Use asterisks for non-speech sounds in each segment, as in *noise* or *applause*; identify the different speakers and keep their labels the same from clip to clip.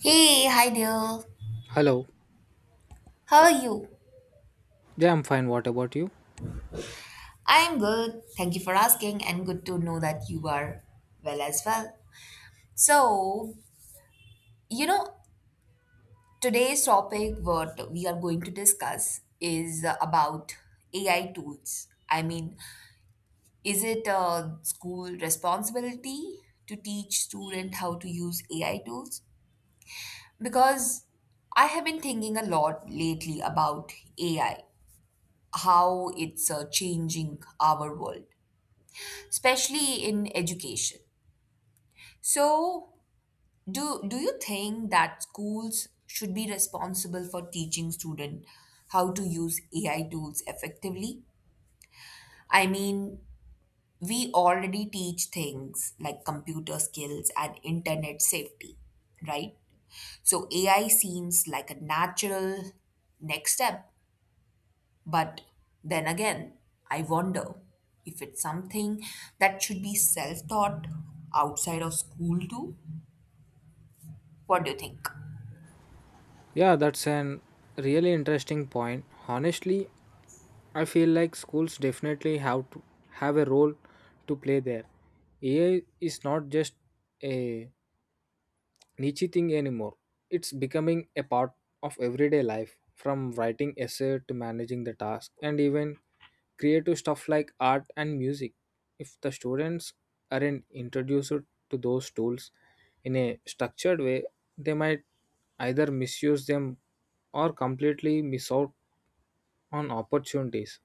Speaker 1: Hey, hi there.
Speaker 2: Hello.
Speaker 1: How are you?
Speaker 2: Yeah, I'm fine. What about you?
Speaker 1: I am good. Thank you for asking, and good to know that you are well as well. So, you know, today's topic, what we are going to discuss, is about AI tools. I mean, is it a school responsibility to teach student how to use AI tools? Because I have been thinking a lot lately about AI, how it's changing our world especially in education. So, do you think that schools should be responsible for teaching students how to use AI tools effectively? I mean, we already teach things like computer skills and internet safety, right? So AI seems like a natural next step, but then again, I wonder if it's something that should be self taught outside of school too. What do you think?
Speaker 2: Yeah, that's an really interesting point. Honestly, I feel like schools definitely have to have a role to play there. AI is not just a niche thing anymore. It's becoming a part of everyday life, from writing essay to managing the task, and even creative stuff like art and music. If the students aren't introduced to those tools in a structured way, they might either misuse them or completely miss out on opportunities.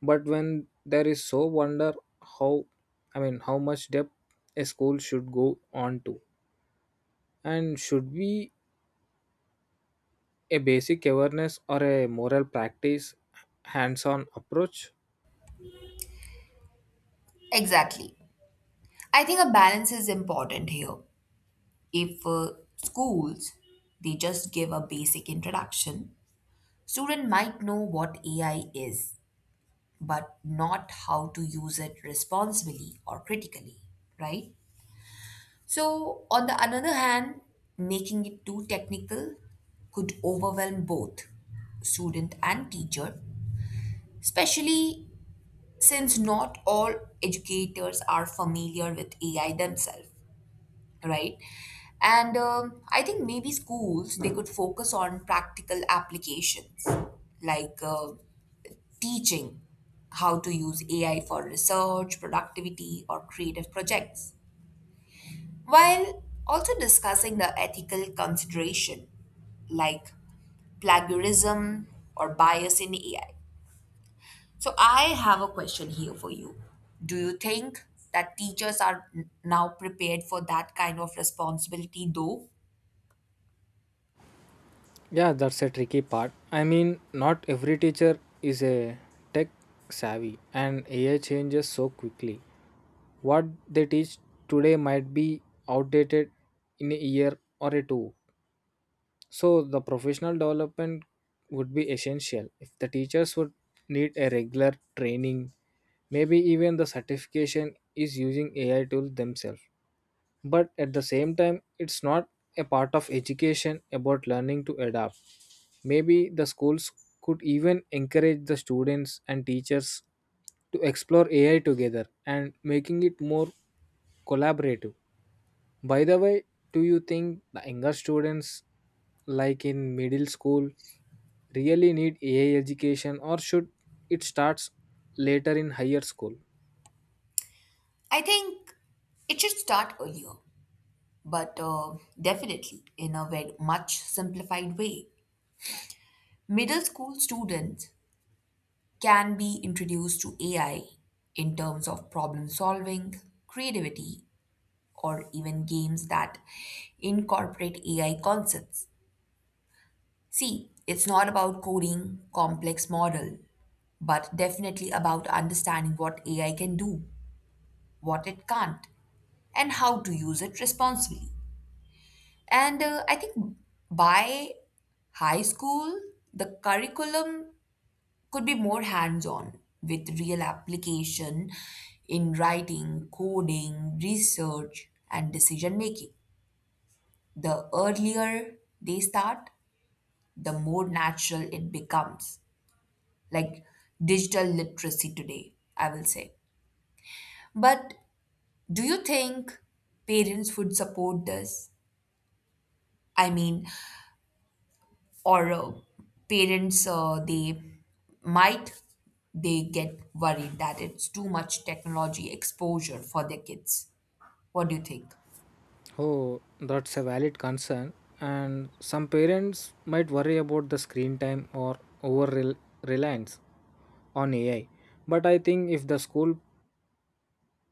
Speaker 2: But when there is so wonder how I mean, how much depth a school should go on to, and should we a basic awareness or a moral practice hands-on approach?
Speaker 1: Exactly. I think a balance is important here. If schools they just give a basic introduction, student might know what AI is but not how to use it responsibly or critically, right? So on the another hand, making it too technical could overwhelm both student and teacher, especially since not all educators are familiar with AI themselves, right? And I think maybe schools they could focus on practical applications like teaching how to use AI for research, productivity, or creative projects, while also discussing the ethical consideration like plagiarism or bias in AI. So I have a question here for you. Do you think that teachers are now prepared for that kind of responsibility though?
Speaker 2: Yeah, that's a tricky part. I mean, not every teacher is a tech savvy, and AI changes so quickly. What they teach today might be outdated in a year or a two. So the professional development would be essential. If the teachers would need a regular training, maybe even the certification is using AI tools themselves. But at the same time, it's not a part of education about learning to adapt. Maybe the schools could even encourage the students and teachers to explore AI together and making it more collaborative. By the way, do you think the younger students like in middle school really need AI education, or should it starts later in higher school?
Speaker 1: I think it should start earlier, but definitely in a very much simplified way. Middle school students can be introduced to AI in terms of problem solving, creativity, or even games that incorporate AI concepts. See, it's not about coding complex model, but definitely about understanding what AI can do, what it can't, and how to use it responsibly. And I think by high school, the curriculum could be more hands on with real application in writing, coding, research, and decision making. The earlier they start, the more natural it becomes, like digital literacy today, I will say. But do you think parents would support this? I mean, or parents they might they get worried that it's too much technology exposure for their kids. What do you think?
Speaker 2: Oh, that's a valid concern. And some parents might worry about the screen time or over rel- reliance on AI. But I think if the school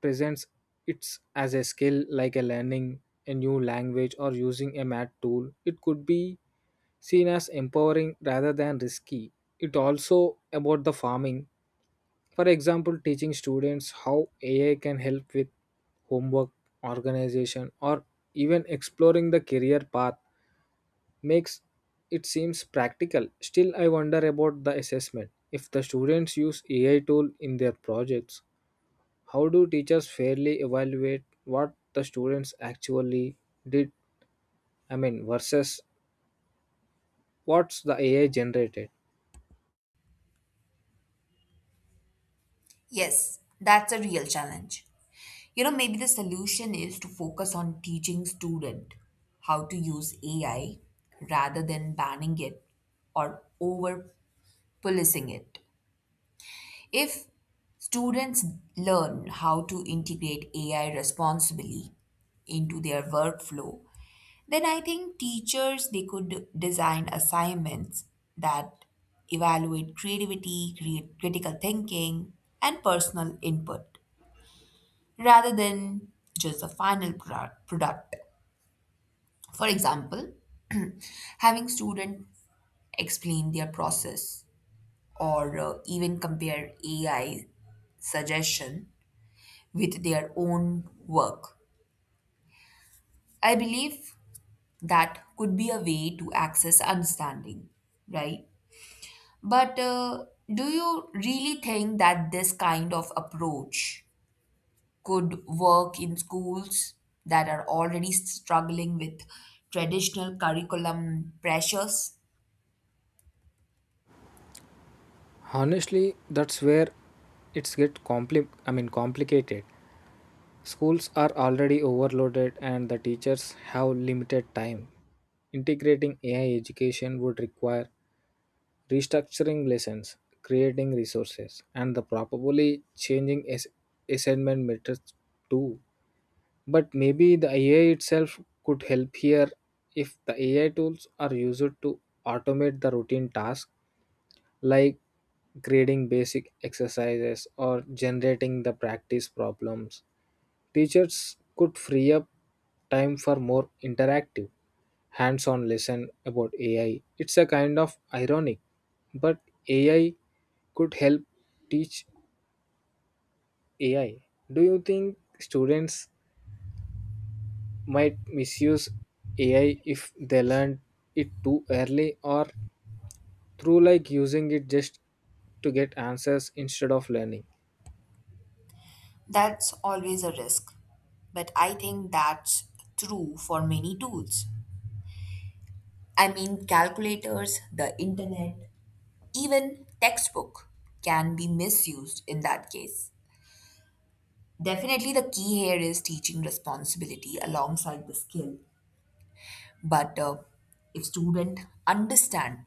Speaker 2: presents it as a skill like a learning a new language or using a math tool, it could be seen as empowering rather than risky. It also about the farming. For example, teaching students how AI can help with homework, organization, or even exploring the career path makes it seems practical. Still, I wonder about the assessment. If the students use AI tool in their projects, how do teachers fairly evaluate what the students actually did? I mean, versus what's the AI generated?
Speaker 1: Yes, that's a real challenge. You know, maybe the solution is to focus on teaching student how to use AI rather than banning it or over policing it. If students learn how to integrate AI responsibly into their workflow, then I think teachers they could design assignments that evaluate creativity, create critical thinking, and personal input rather than just the final product. For example, *clears throat* having students explain their process or even compare AI suggestion with their own work. I believe that could be a way to access understanding, right? But do you really think that this kind of approach could work in schools that are already struggling with traditional curriculum pressures?
Speaker 2: Honestly, that's where it's get complicated. Schools are already overloaded and the teachers have limited time. Integrating AI education would require restructuring lessons, creating resources, and the probably changing assignment methods too. But maybe the AI itself could help here. If the AI tools are used to automate the routine tasks like grading basic exercises or generating the practice problems, teachers could free up time for more interactive, hands on lesson about AI. It's a kind of ironic, but AI could help teach AI. Do you think students might misuse AI if they learn it too early or through like using it just to get answers instead of learning?
Speaker 1: That's always a risk. But I think that's true for many tools. I mean, calculators, the internet, even textbook can be misused in that case. Definitely, the key here is teaching responsibility alongside the skill. But if students understand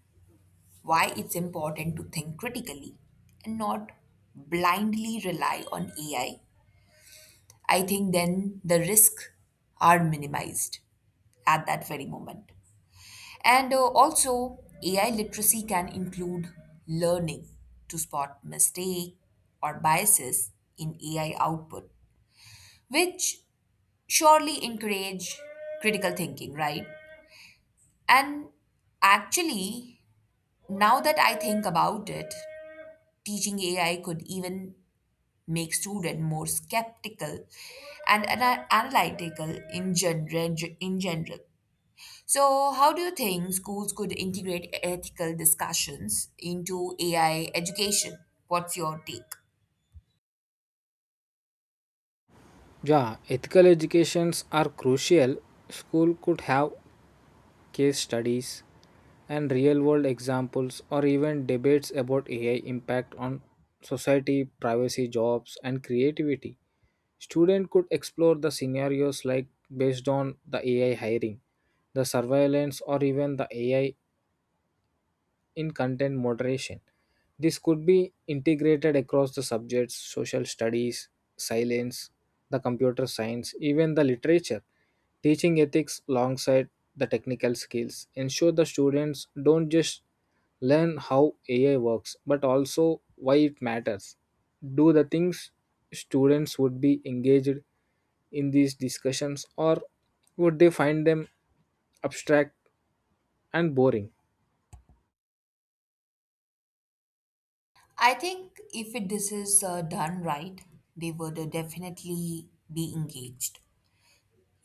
Speaker 1: why it's important to think critically and not blindly rely on AI, I think then the risks are minimized at that very moment. And also, AI literacy can include learning to spot mistake or biases in AI output, which surely encourage critical thinking, right? And actually, now that I think about it, teaching AI could even make students more skeptical and analytical in general. So, how do you think schools could integrate ethical discussions into AI education? What's your take?
Speaker 2: Yeah, ethical educations are crucial. School could have case studies, and real world examples, or even debates about AI impact on society, privacy, jobs, and creativity. Student could explore the scenarios like based on the AI hiring, the surveillance, or even the AI in content moderation. This could be integrated across the subjects social studies, silence, the computer science, even the literature. Teaching ethics alongside the technical skills ensure the students don't just learn how AI works but also why it matters. Do the things students would be engaged in these discussions, or would they find them abstract and boring?
Speaker 1: I think if it, this is done right, they would definitely be engaged.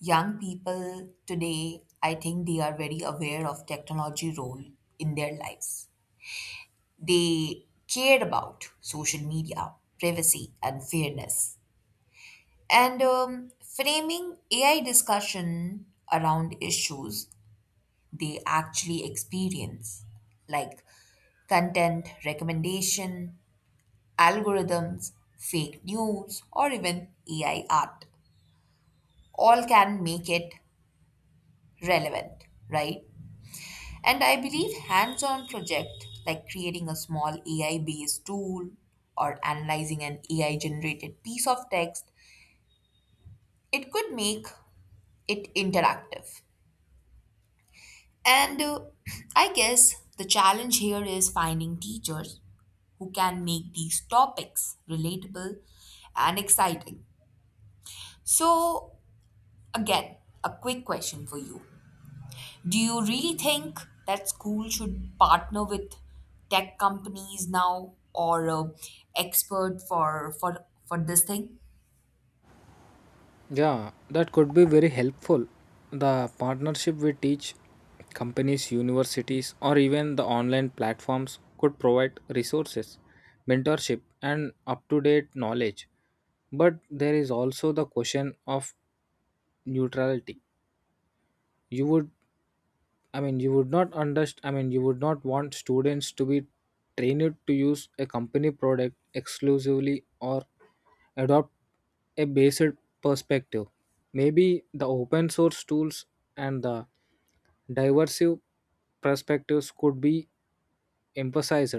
Speaker 1: Young people today, I think they are very aware of technology role in their lives. They cared about social media, privacy, and fairness. And framing AI discussion around issues they actually experience, like content recommendation, algorithms, fake news, or even AI art, all can make it relevant, right? And I believe hands on project like creating a small AI based tool or analyzing an AI generated piece of text, it could make it interactive. And *clears throat* I guess the challenge here is finding teachers who can make these topics relatable and exciting. So, again, a quick question for you. Do you really think that school should partner with tech companies now or expert for this thing?
Speaker 2: Yeah, that could be very helpful. The partnership with teach companies, universities, or even the online platforms could provide resources, mentorship, and up to date knowledge. But there is also the question of neutrality. You would you would not underst I mean, you would not want students to be trained to use a company product exclusively or adopt a basic perspective. Maybe the open source tools and the diverse perspectives could be emphasized.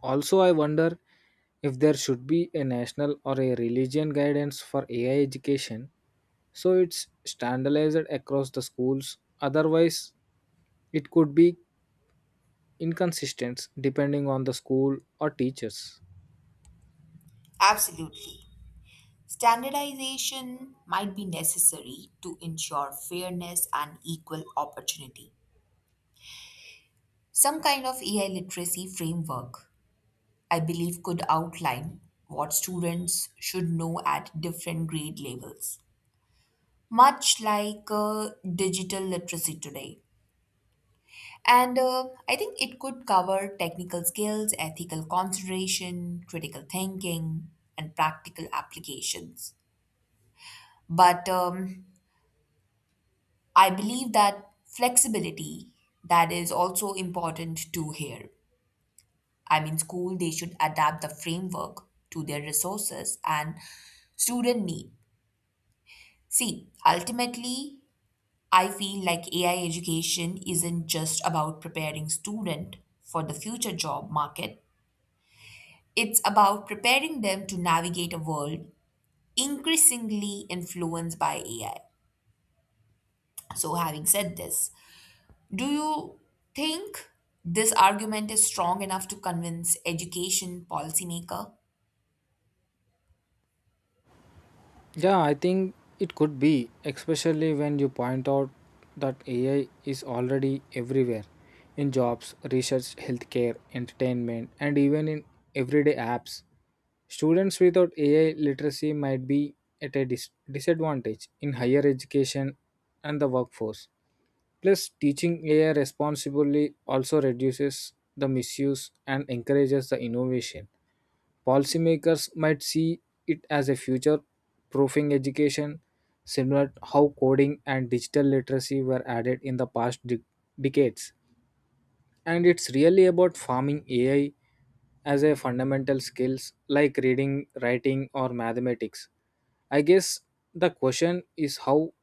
Speaker 2: Also, I wonder if there should be a national or a religion guidance for AI education so it's standardized across the schools. Otherwise, it could be inconsistent depending on the school or teachers.
Speaker 1: Absolutely. Standardization might be necessary to ensure fairness and equal opportunity. Some kind of AI literacy framework, I believe, could outline what students should know at different grade levels, much like digital literacy today. And I think it could cover technical skills, ethical consideration, critical thinking, and practical applications. But I believe that flexibility, that is also important too here. I mean, school they should adapt the framework to their resources and student need. See, ultimately, I feel like AI education isn't just about preparing student for the future job market. It's about preparing them to navigate a world increasingly influenced by AI. So, having said this, do you think this argument is strong enough to convince education policymaker?
Speaker 2: Yeah, I think it could be, especially when you point out that AI is already everywhere in jobs, research, healthcare, entertainment, and even in everyday apps. Students without AI literacy might be at a disadvantage in higher education and the workforce. Plus, teaching AI responsibly also reduces the misuse and encourages the innovation. Policymakers might see it as a future proofing education, similar to how coding and digital literacy were added in the past decades. And it's really about farming AI as a fundamental skills like reading, writing, or mathematics. I guess the question is how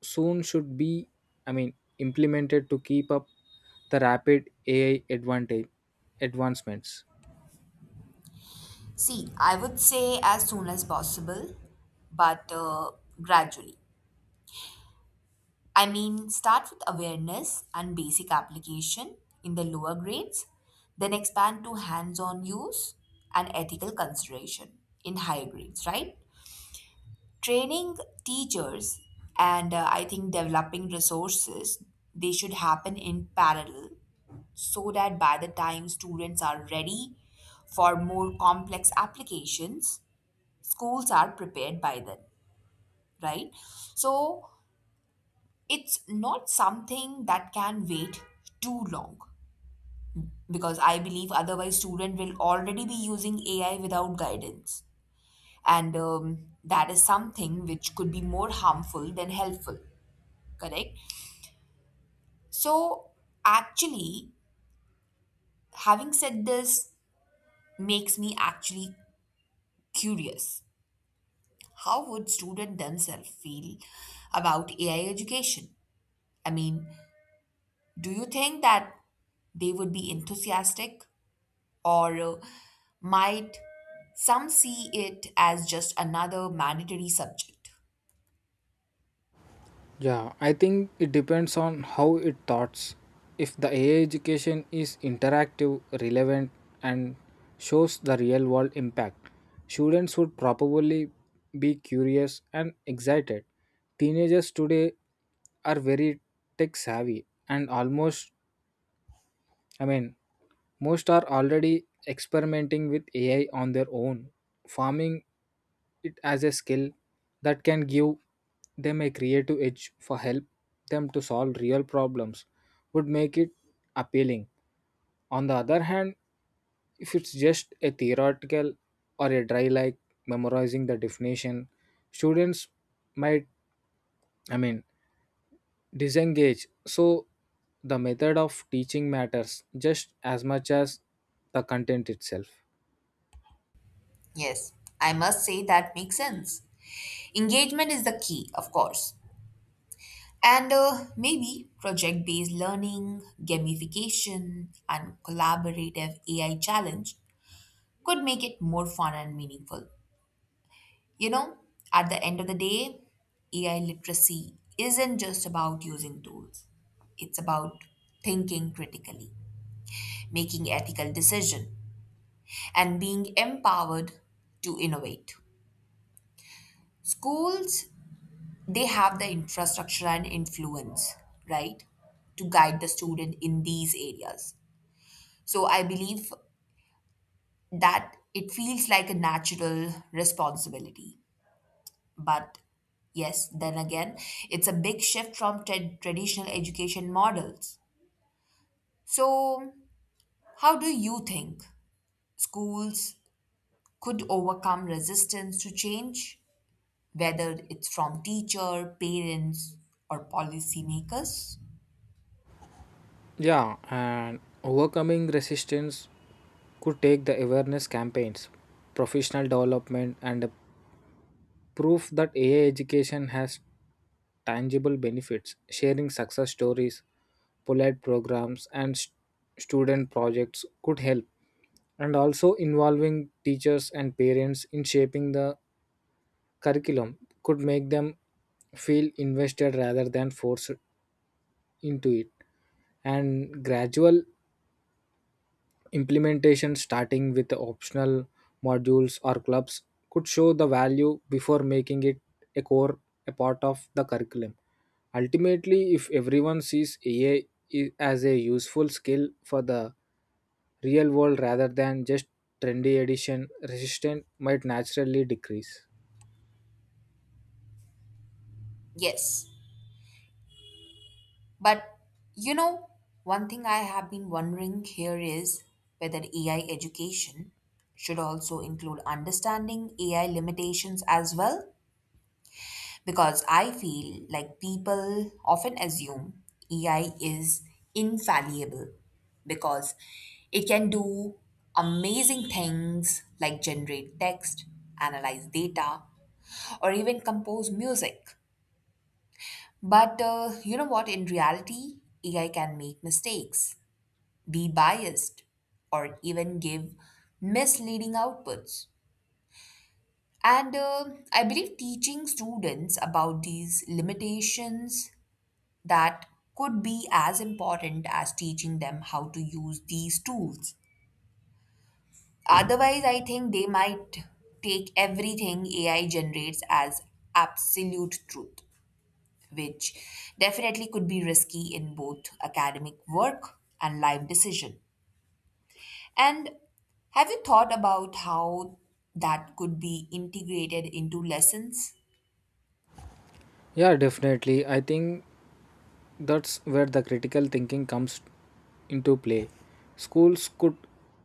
Speaker 2: soon should be, I mean, implemented to keep up the rapid AI advantage advancements.
Speaker 1: See, I would say as soon as possible, but gradually. I mean, start with awareness and basic application in the lower grades, then expand to hands on use and ethical consideration in higher grades, right? Training teachers and I think developing resources, they should happen in parallel so that by the time students are ready for more complex applications, schools are prepared by then, right? So it's not something that can wait too long, because I believe otherwise student will already be using AI without guidance. And that is something which could be more harmful than helpful, correct? So, actually, having said this makes me actually curious. How would students themselves feel about AI education? I mean, do you think that they would be enthusiastic or might some see it as just another mandatory subject?
Speaker 2: Yeah, I think it depends on how it thoughts. If the AI education is interactive, relevant, and shows the real world impact, students would probably be curious and excited. Teenagers today are very tech savvy and I mean, most are already experimenting with AI on their own. Farming it as a skill that can give them a creative edge for help them to solve real problems would make it appealing. On the other hand, if it's just a theoretical or a dry like memorizing the definition, students might, I mean, disengage. So the method of teaching matters just as much as the content itself.
Speaker 1: Yes, I must say that makes sense. Engagement is the key, of course. And maybe project based learning, gamification, and collaborative AI challenge could make it more fun and meaningful. You know, at the end of the day, AI literacy isn't just about using tools, it's about thinking critically, making ethical decisions, and being empowered to innovate. Schools, they have the infrastructure and influence, right, to guide the student in these areas. So I believe that it feels like a natural responsibility. But yes, then again, it's a big shift from traditional education models. So, how do you think schools could overcome resistance to change, whether it's from teacher, parents, or policymakers?
Speaker 2: Yeah, and overcoming resistance could take the awareness campaigns, professional development, and a proof that AI education has tangible benefits. Sharing success stories, polite programs, and student projects could help. And also involving teachers and parents in shaping the curriculum could make them feel invested rather than forced into it. And gradual implementation starting with optional modules or clubs could show the value before making it a core a part of the curriculum. Ultimately, if everyone sees AI as a useful skill for the real world rather than just trendy addition, resistance might naturally decrease.
Speaker 1: Yes. But you know, one thing I have been wondering here is whether AI education should also include understanding AI limitations as well. Because I feel like people often assume AI is infallible because it can do amazing things like generate text, analyze data, or even compose music. But you know what? In reality, AI can make mistakes, be biased, or even give misleading outputs. And I believe teaching students about these limitations, that could be as important as teaching them how to use these tools. Otherwise, I think they might take everything AI generates as absolute truth, which definitely could be risky in both academic work and life decision. And have you thought about how that could be integrated into lessons?
Speaker 2: Yeah, definitely, I think that's where the critical thinking comes into play. Schools could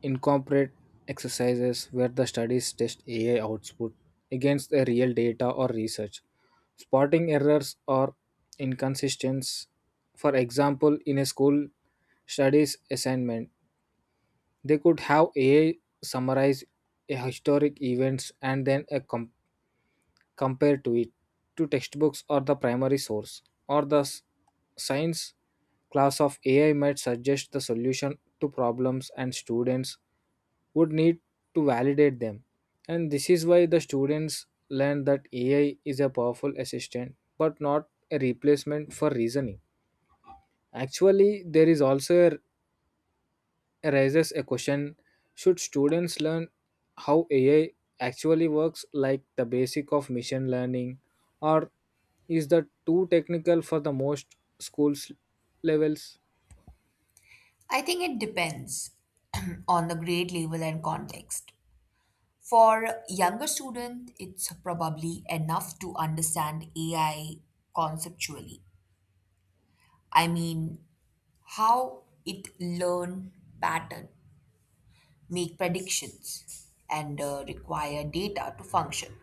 Speaker 2: incorporate exercises where the studies test AI output against the real data or research, spotting errors or inconsistencies. For example, in a school studies assignment, they could have AI summarize a historic events and then a compared to it to textbooks or the primary source or the science class of AI might suggest the solution to problems, and students would need to validate them. And this is why the students learn that AI is a powerful assistant but not a replacement for reasoning. Actually, there is also a raises a question, should students learn how AI actually works, like the basic of machine learning, or is that too technical for the most schools levels?
Speaker 1: I think it depends *clears throat* on the grade level and context. For younger students, it's probably enough to understand AI conceptually. I mean, how it learn pattern make predictions, and require data to function.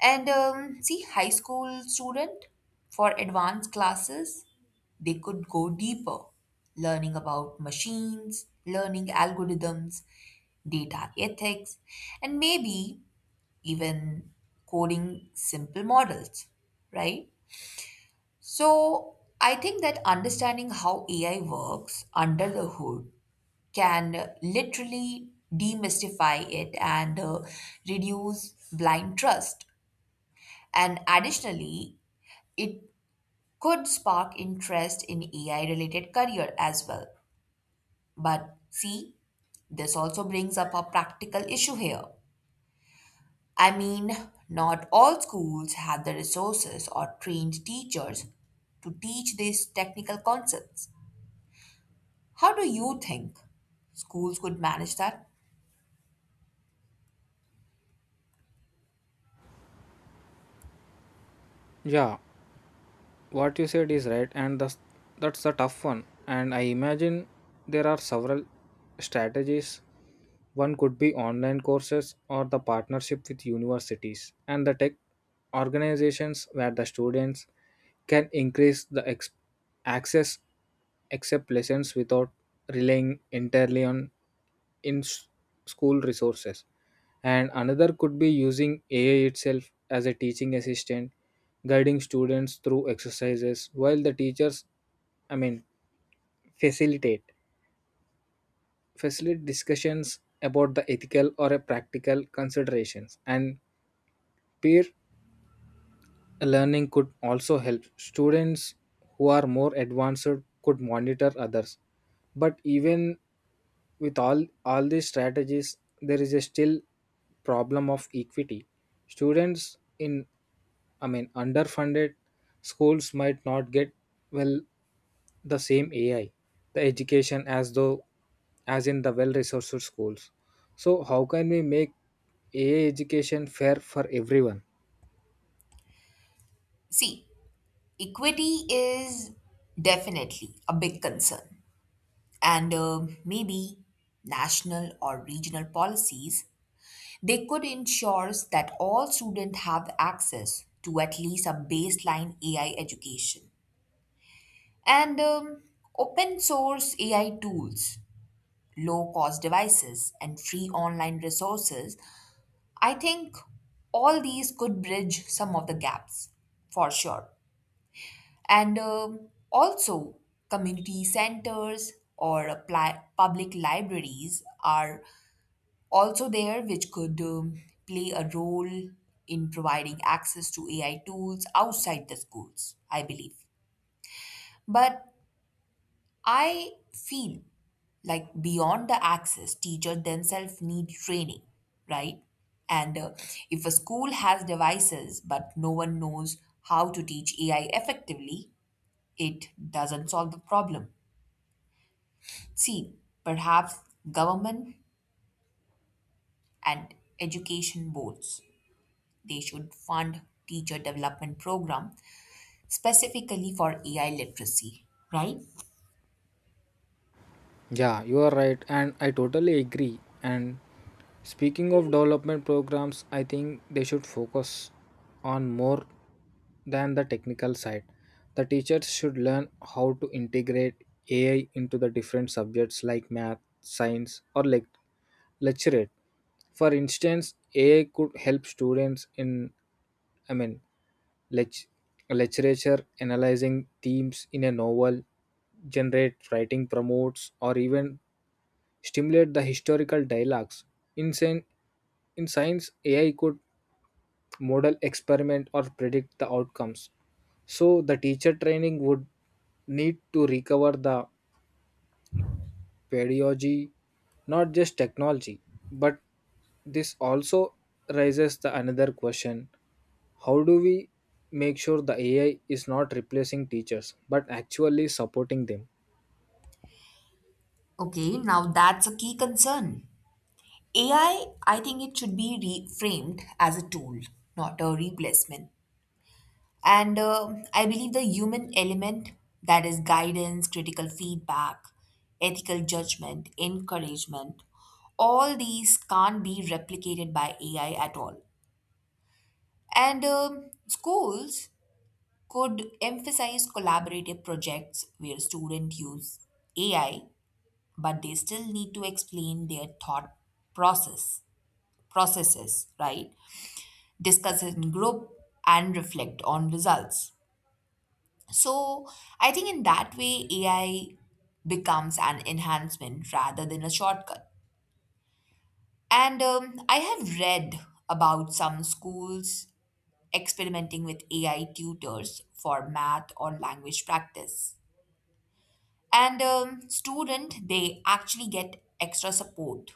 Speaker 1: And see, high school student for advanced classes, they could go deeper, learning about machines, learning algorithms, data ethics, and maybe even coding simple models, right? So I think that understanding how AI works under the hood can literally demystify it and reduce blind trust. And additionally, it could spark interest in AI related career as well. But see, this also brings up a practical issue here. I mean, not all schools have the resources or trained teachers to teach these technical concepts. How do you think schools could manage that?
Speaker 2: Yeah, what you said is right, and that's a tough one. And I imagine there are several strategies. One could be online courses or the partnership with universities and the tech organizations where the students can increase the ex- access accept lessons without relying entirely on in s- school resources. And another could be using AI itself as a teaching assistant guiding students through exercises while the teachers, I mean, facilitate facilitate discussions about the ethical or a practical considerations. And peer learning could also help students who are more advanced could monitor others. But even with all these strategies, there is a still problem of equity. Students in, I mean, underfunded schools might not get well the same AI the education as though as in the well resourced schools. So, how can we make AI education fair for everyone?
Speaker 1: See, equity is definitely a big concern, and maybe national or regional policies they could ensure that all students have access to at least a baseline AI education. And open source AI tools, low cost devices, and free online resources, I think all these could bridge some of the gaps for sure. And also, community centers or apply, public libraries are also there, which could play a role in providing access to AI tools outside the schools, I believe. But I feel like beyond the access, teachers themselves need training, right? And if a school has devices but no one knows how to teach AI effectively, it doesn't solve the problem. See, perhaps government and education boards, they should fund teacher development program specifically for AI literacy, right?
Speaker 2: Yeah, you are right, and I totally agree. And speaking of development programs, I think they should focus on more than the technical side. The teachers should learn how to integrate AI into the different subjects like math, science, or like lecturate. For instance, AI could help students in, I mean, lech- literature analyzing themes in a novel, generate writing promotes, or even stimulate the historical dialogues in, in science AI could model experiment or predict the outcomes. So the teacher training would need to recover the pedagogy, not just technology. But this also raises the another question, how do we make sure the AI is not replacing teachers but actually supporting them?
Speaker 1: Okay, now that's a key concern. AI, I think it should be reframed as a tool, not a replacement. And I believe the human element, that is guidance, critical feedback, ethical judgment, encouragement, all these can't be replicated by AI at all. And schools could emphasize collaborative projects where students use AI, but they still need to explain their thought process processes, right? Discuss in group and reflect on results. So I think in that way AI becomes an enhancement rather than a shortcut. And I have read about some schools experimenting with AI tutors for math or language practice. And student, they actually get extra support,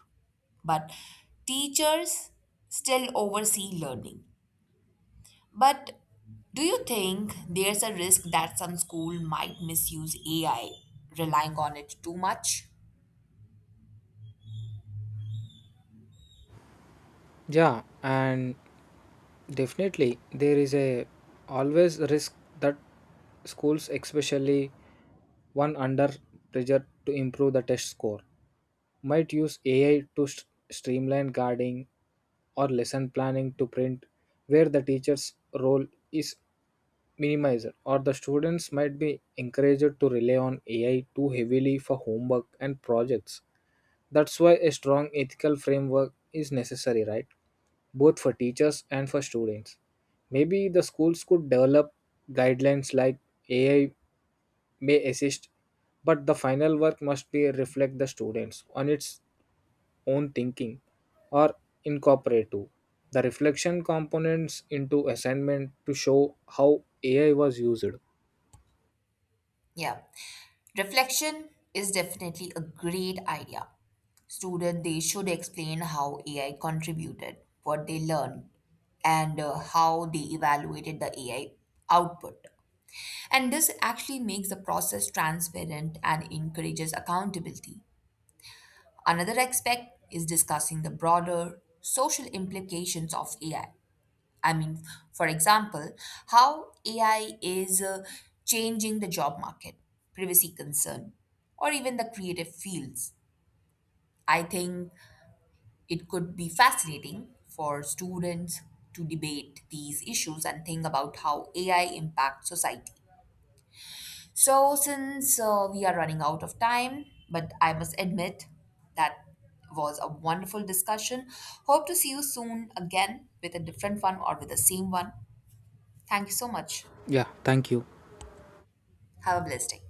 Speaker 1: but teachers still oversee learning. But do you think there's a risk that some school might misuse AI, relying on it too much?
Speaker 2: Yeah, and definitely there is a always risk that schools, especially one under pressure to improve the test score, might use AI to streamline guarding or lesson planning to print where the teacher's role is minimized, or the students might be encouraged to rely on AI too heavily for homework and projects. That's why a strong ethical framework is necessary, right? Both for teachers and for students. Maybe the schools could develop guidelines like AI may assist, but the final work must be reflect the students on its own thinking, or incorporate to the reflection components into assignment to show how AI was used.
Speaker 1: Yeah. Reflection is definitely a great idea. Student they should explain how AI contributed, what they learned, and how they evaluated the AI output. And this actually makes the process transparent and encourages accountability. Another aspect is discussing the broader social implications of AI. I mean, for example, how AI is changing the job market, privacy concern, or even the creative fields. I think it could be fascinating for students to debate these issues and think about how AI impacts society. So, since we are running out of time, but I must admit that was a wonderful discussion. Hope to see you soon again with a different one or with the same one. Thank you so much.
Speaker 2: Yeah, thank you.
Speaker 1: Have a blessed day.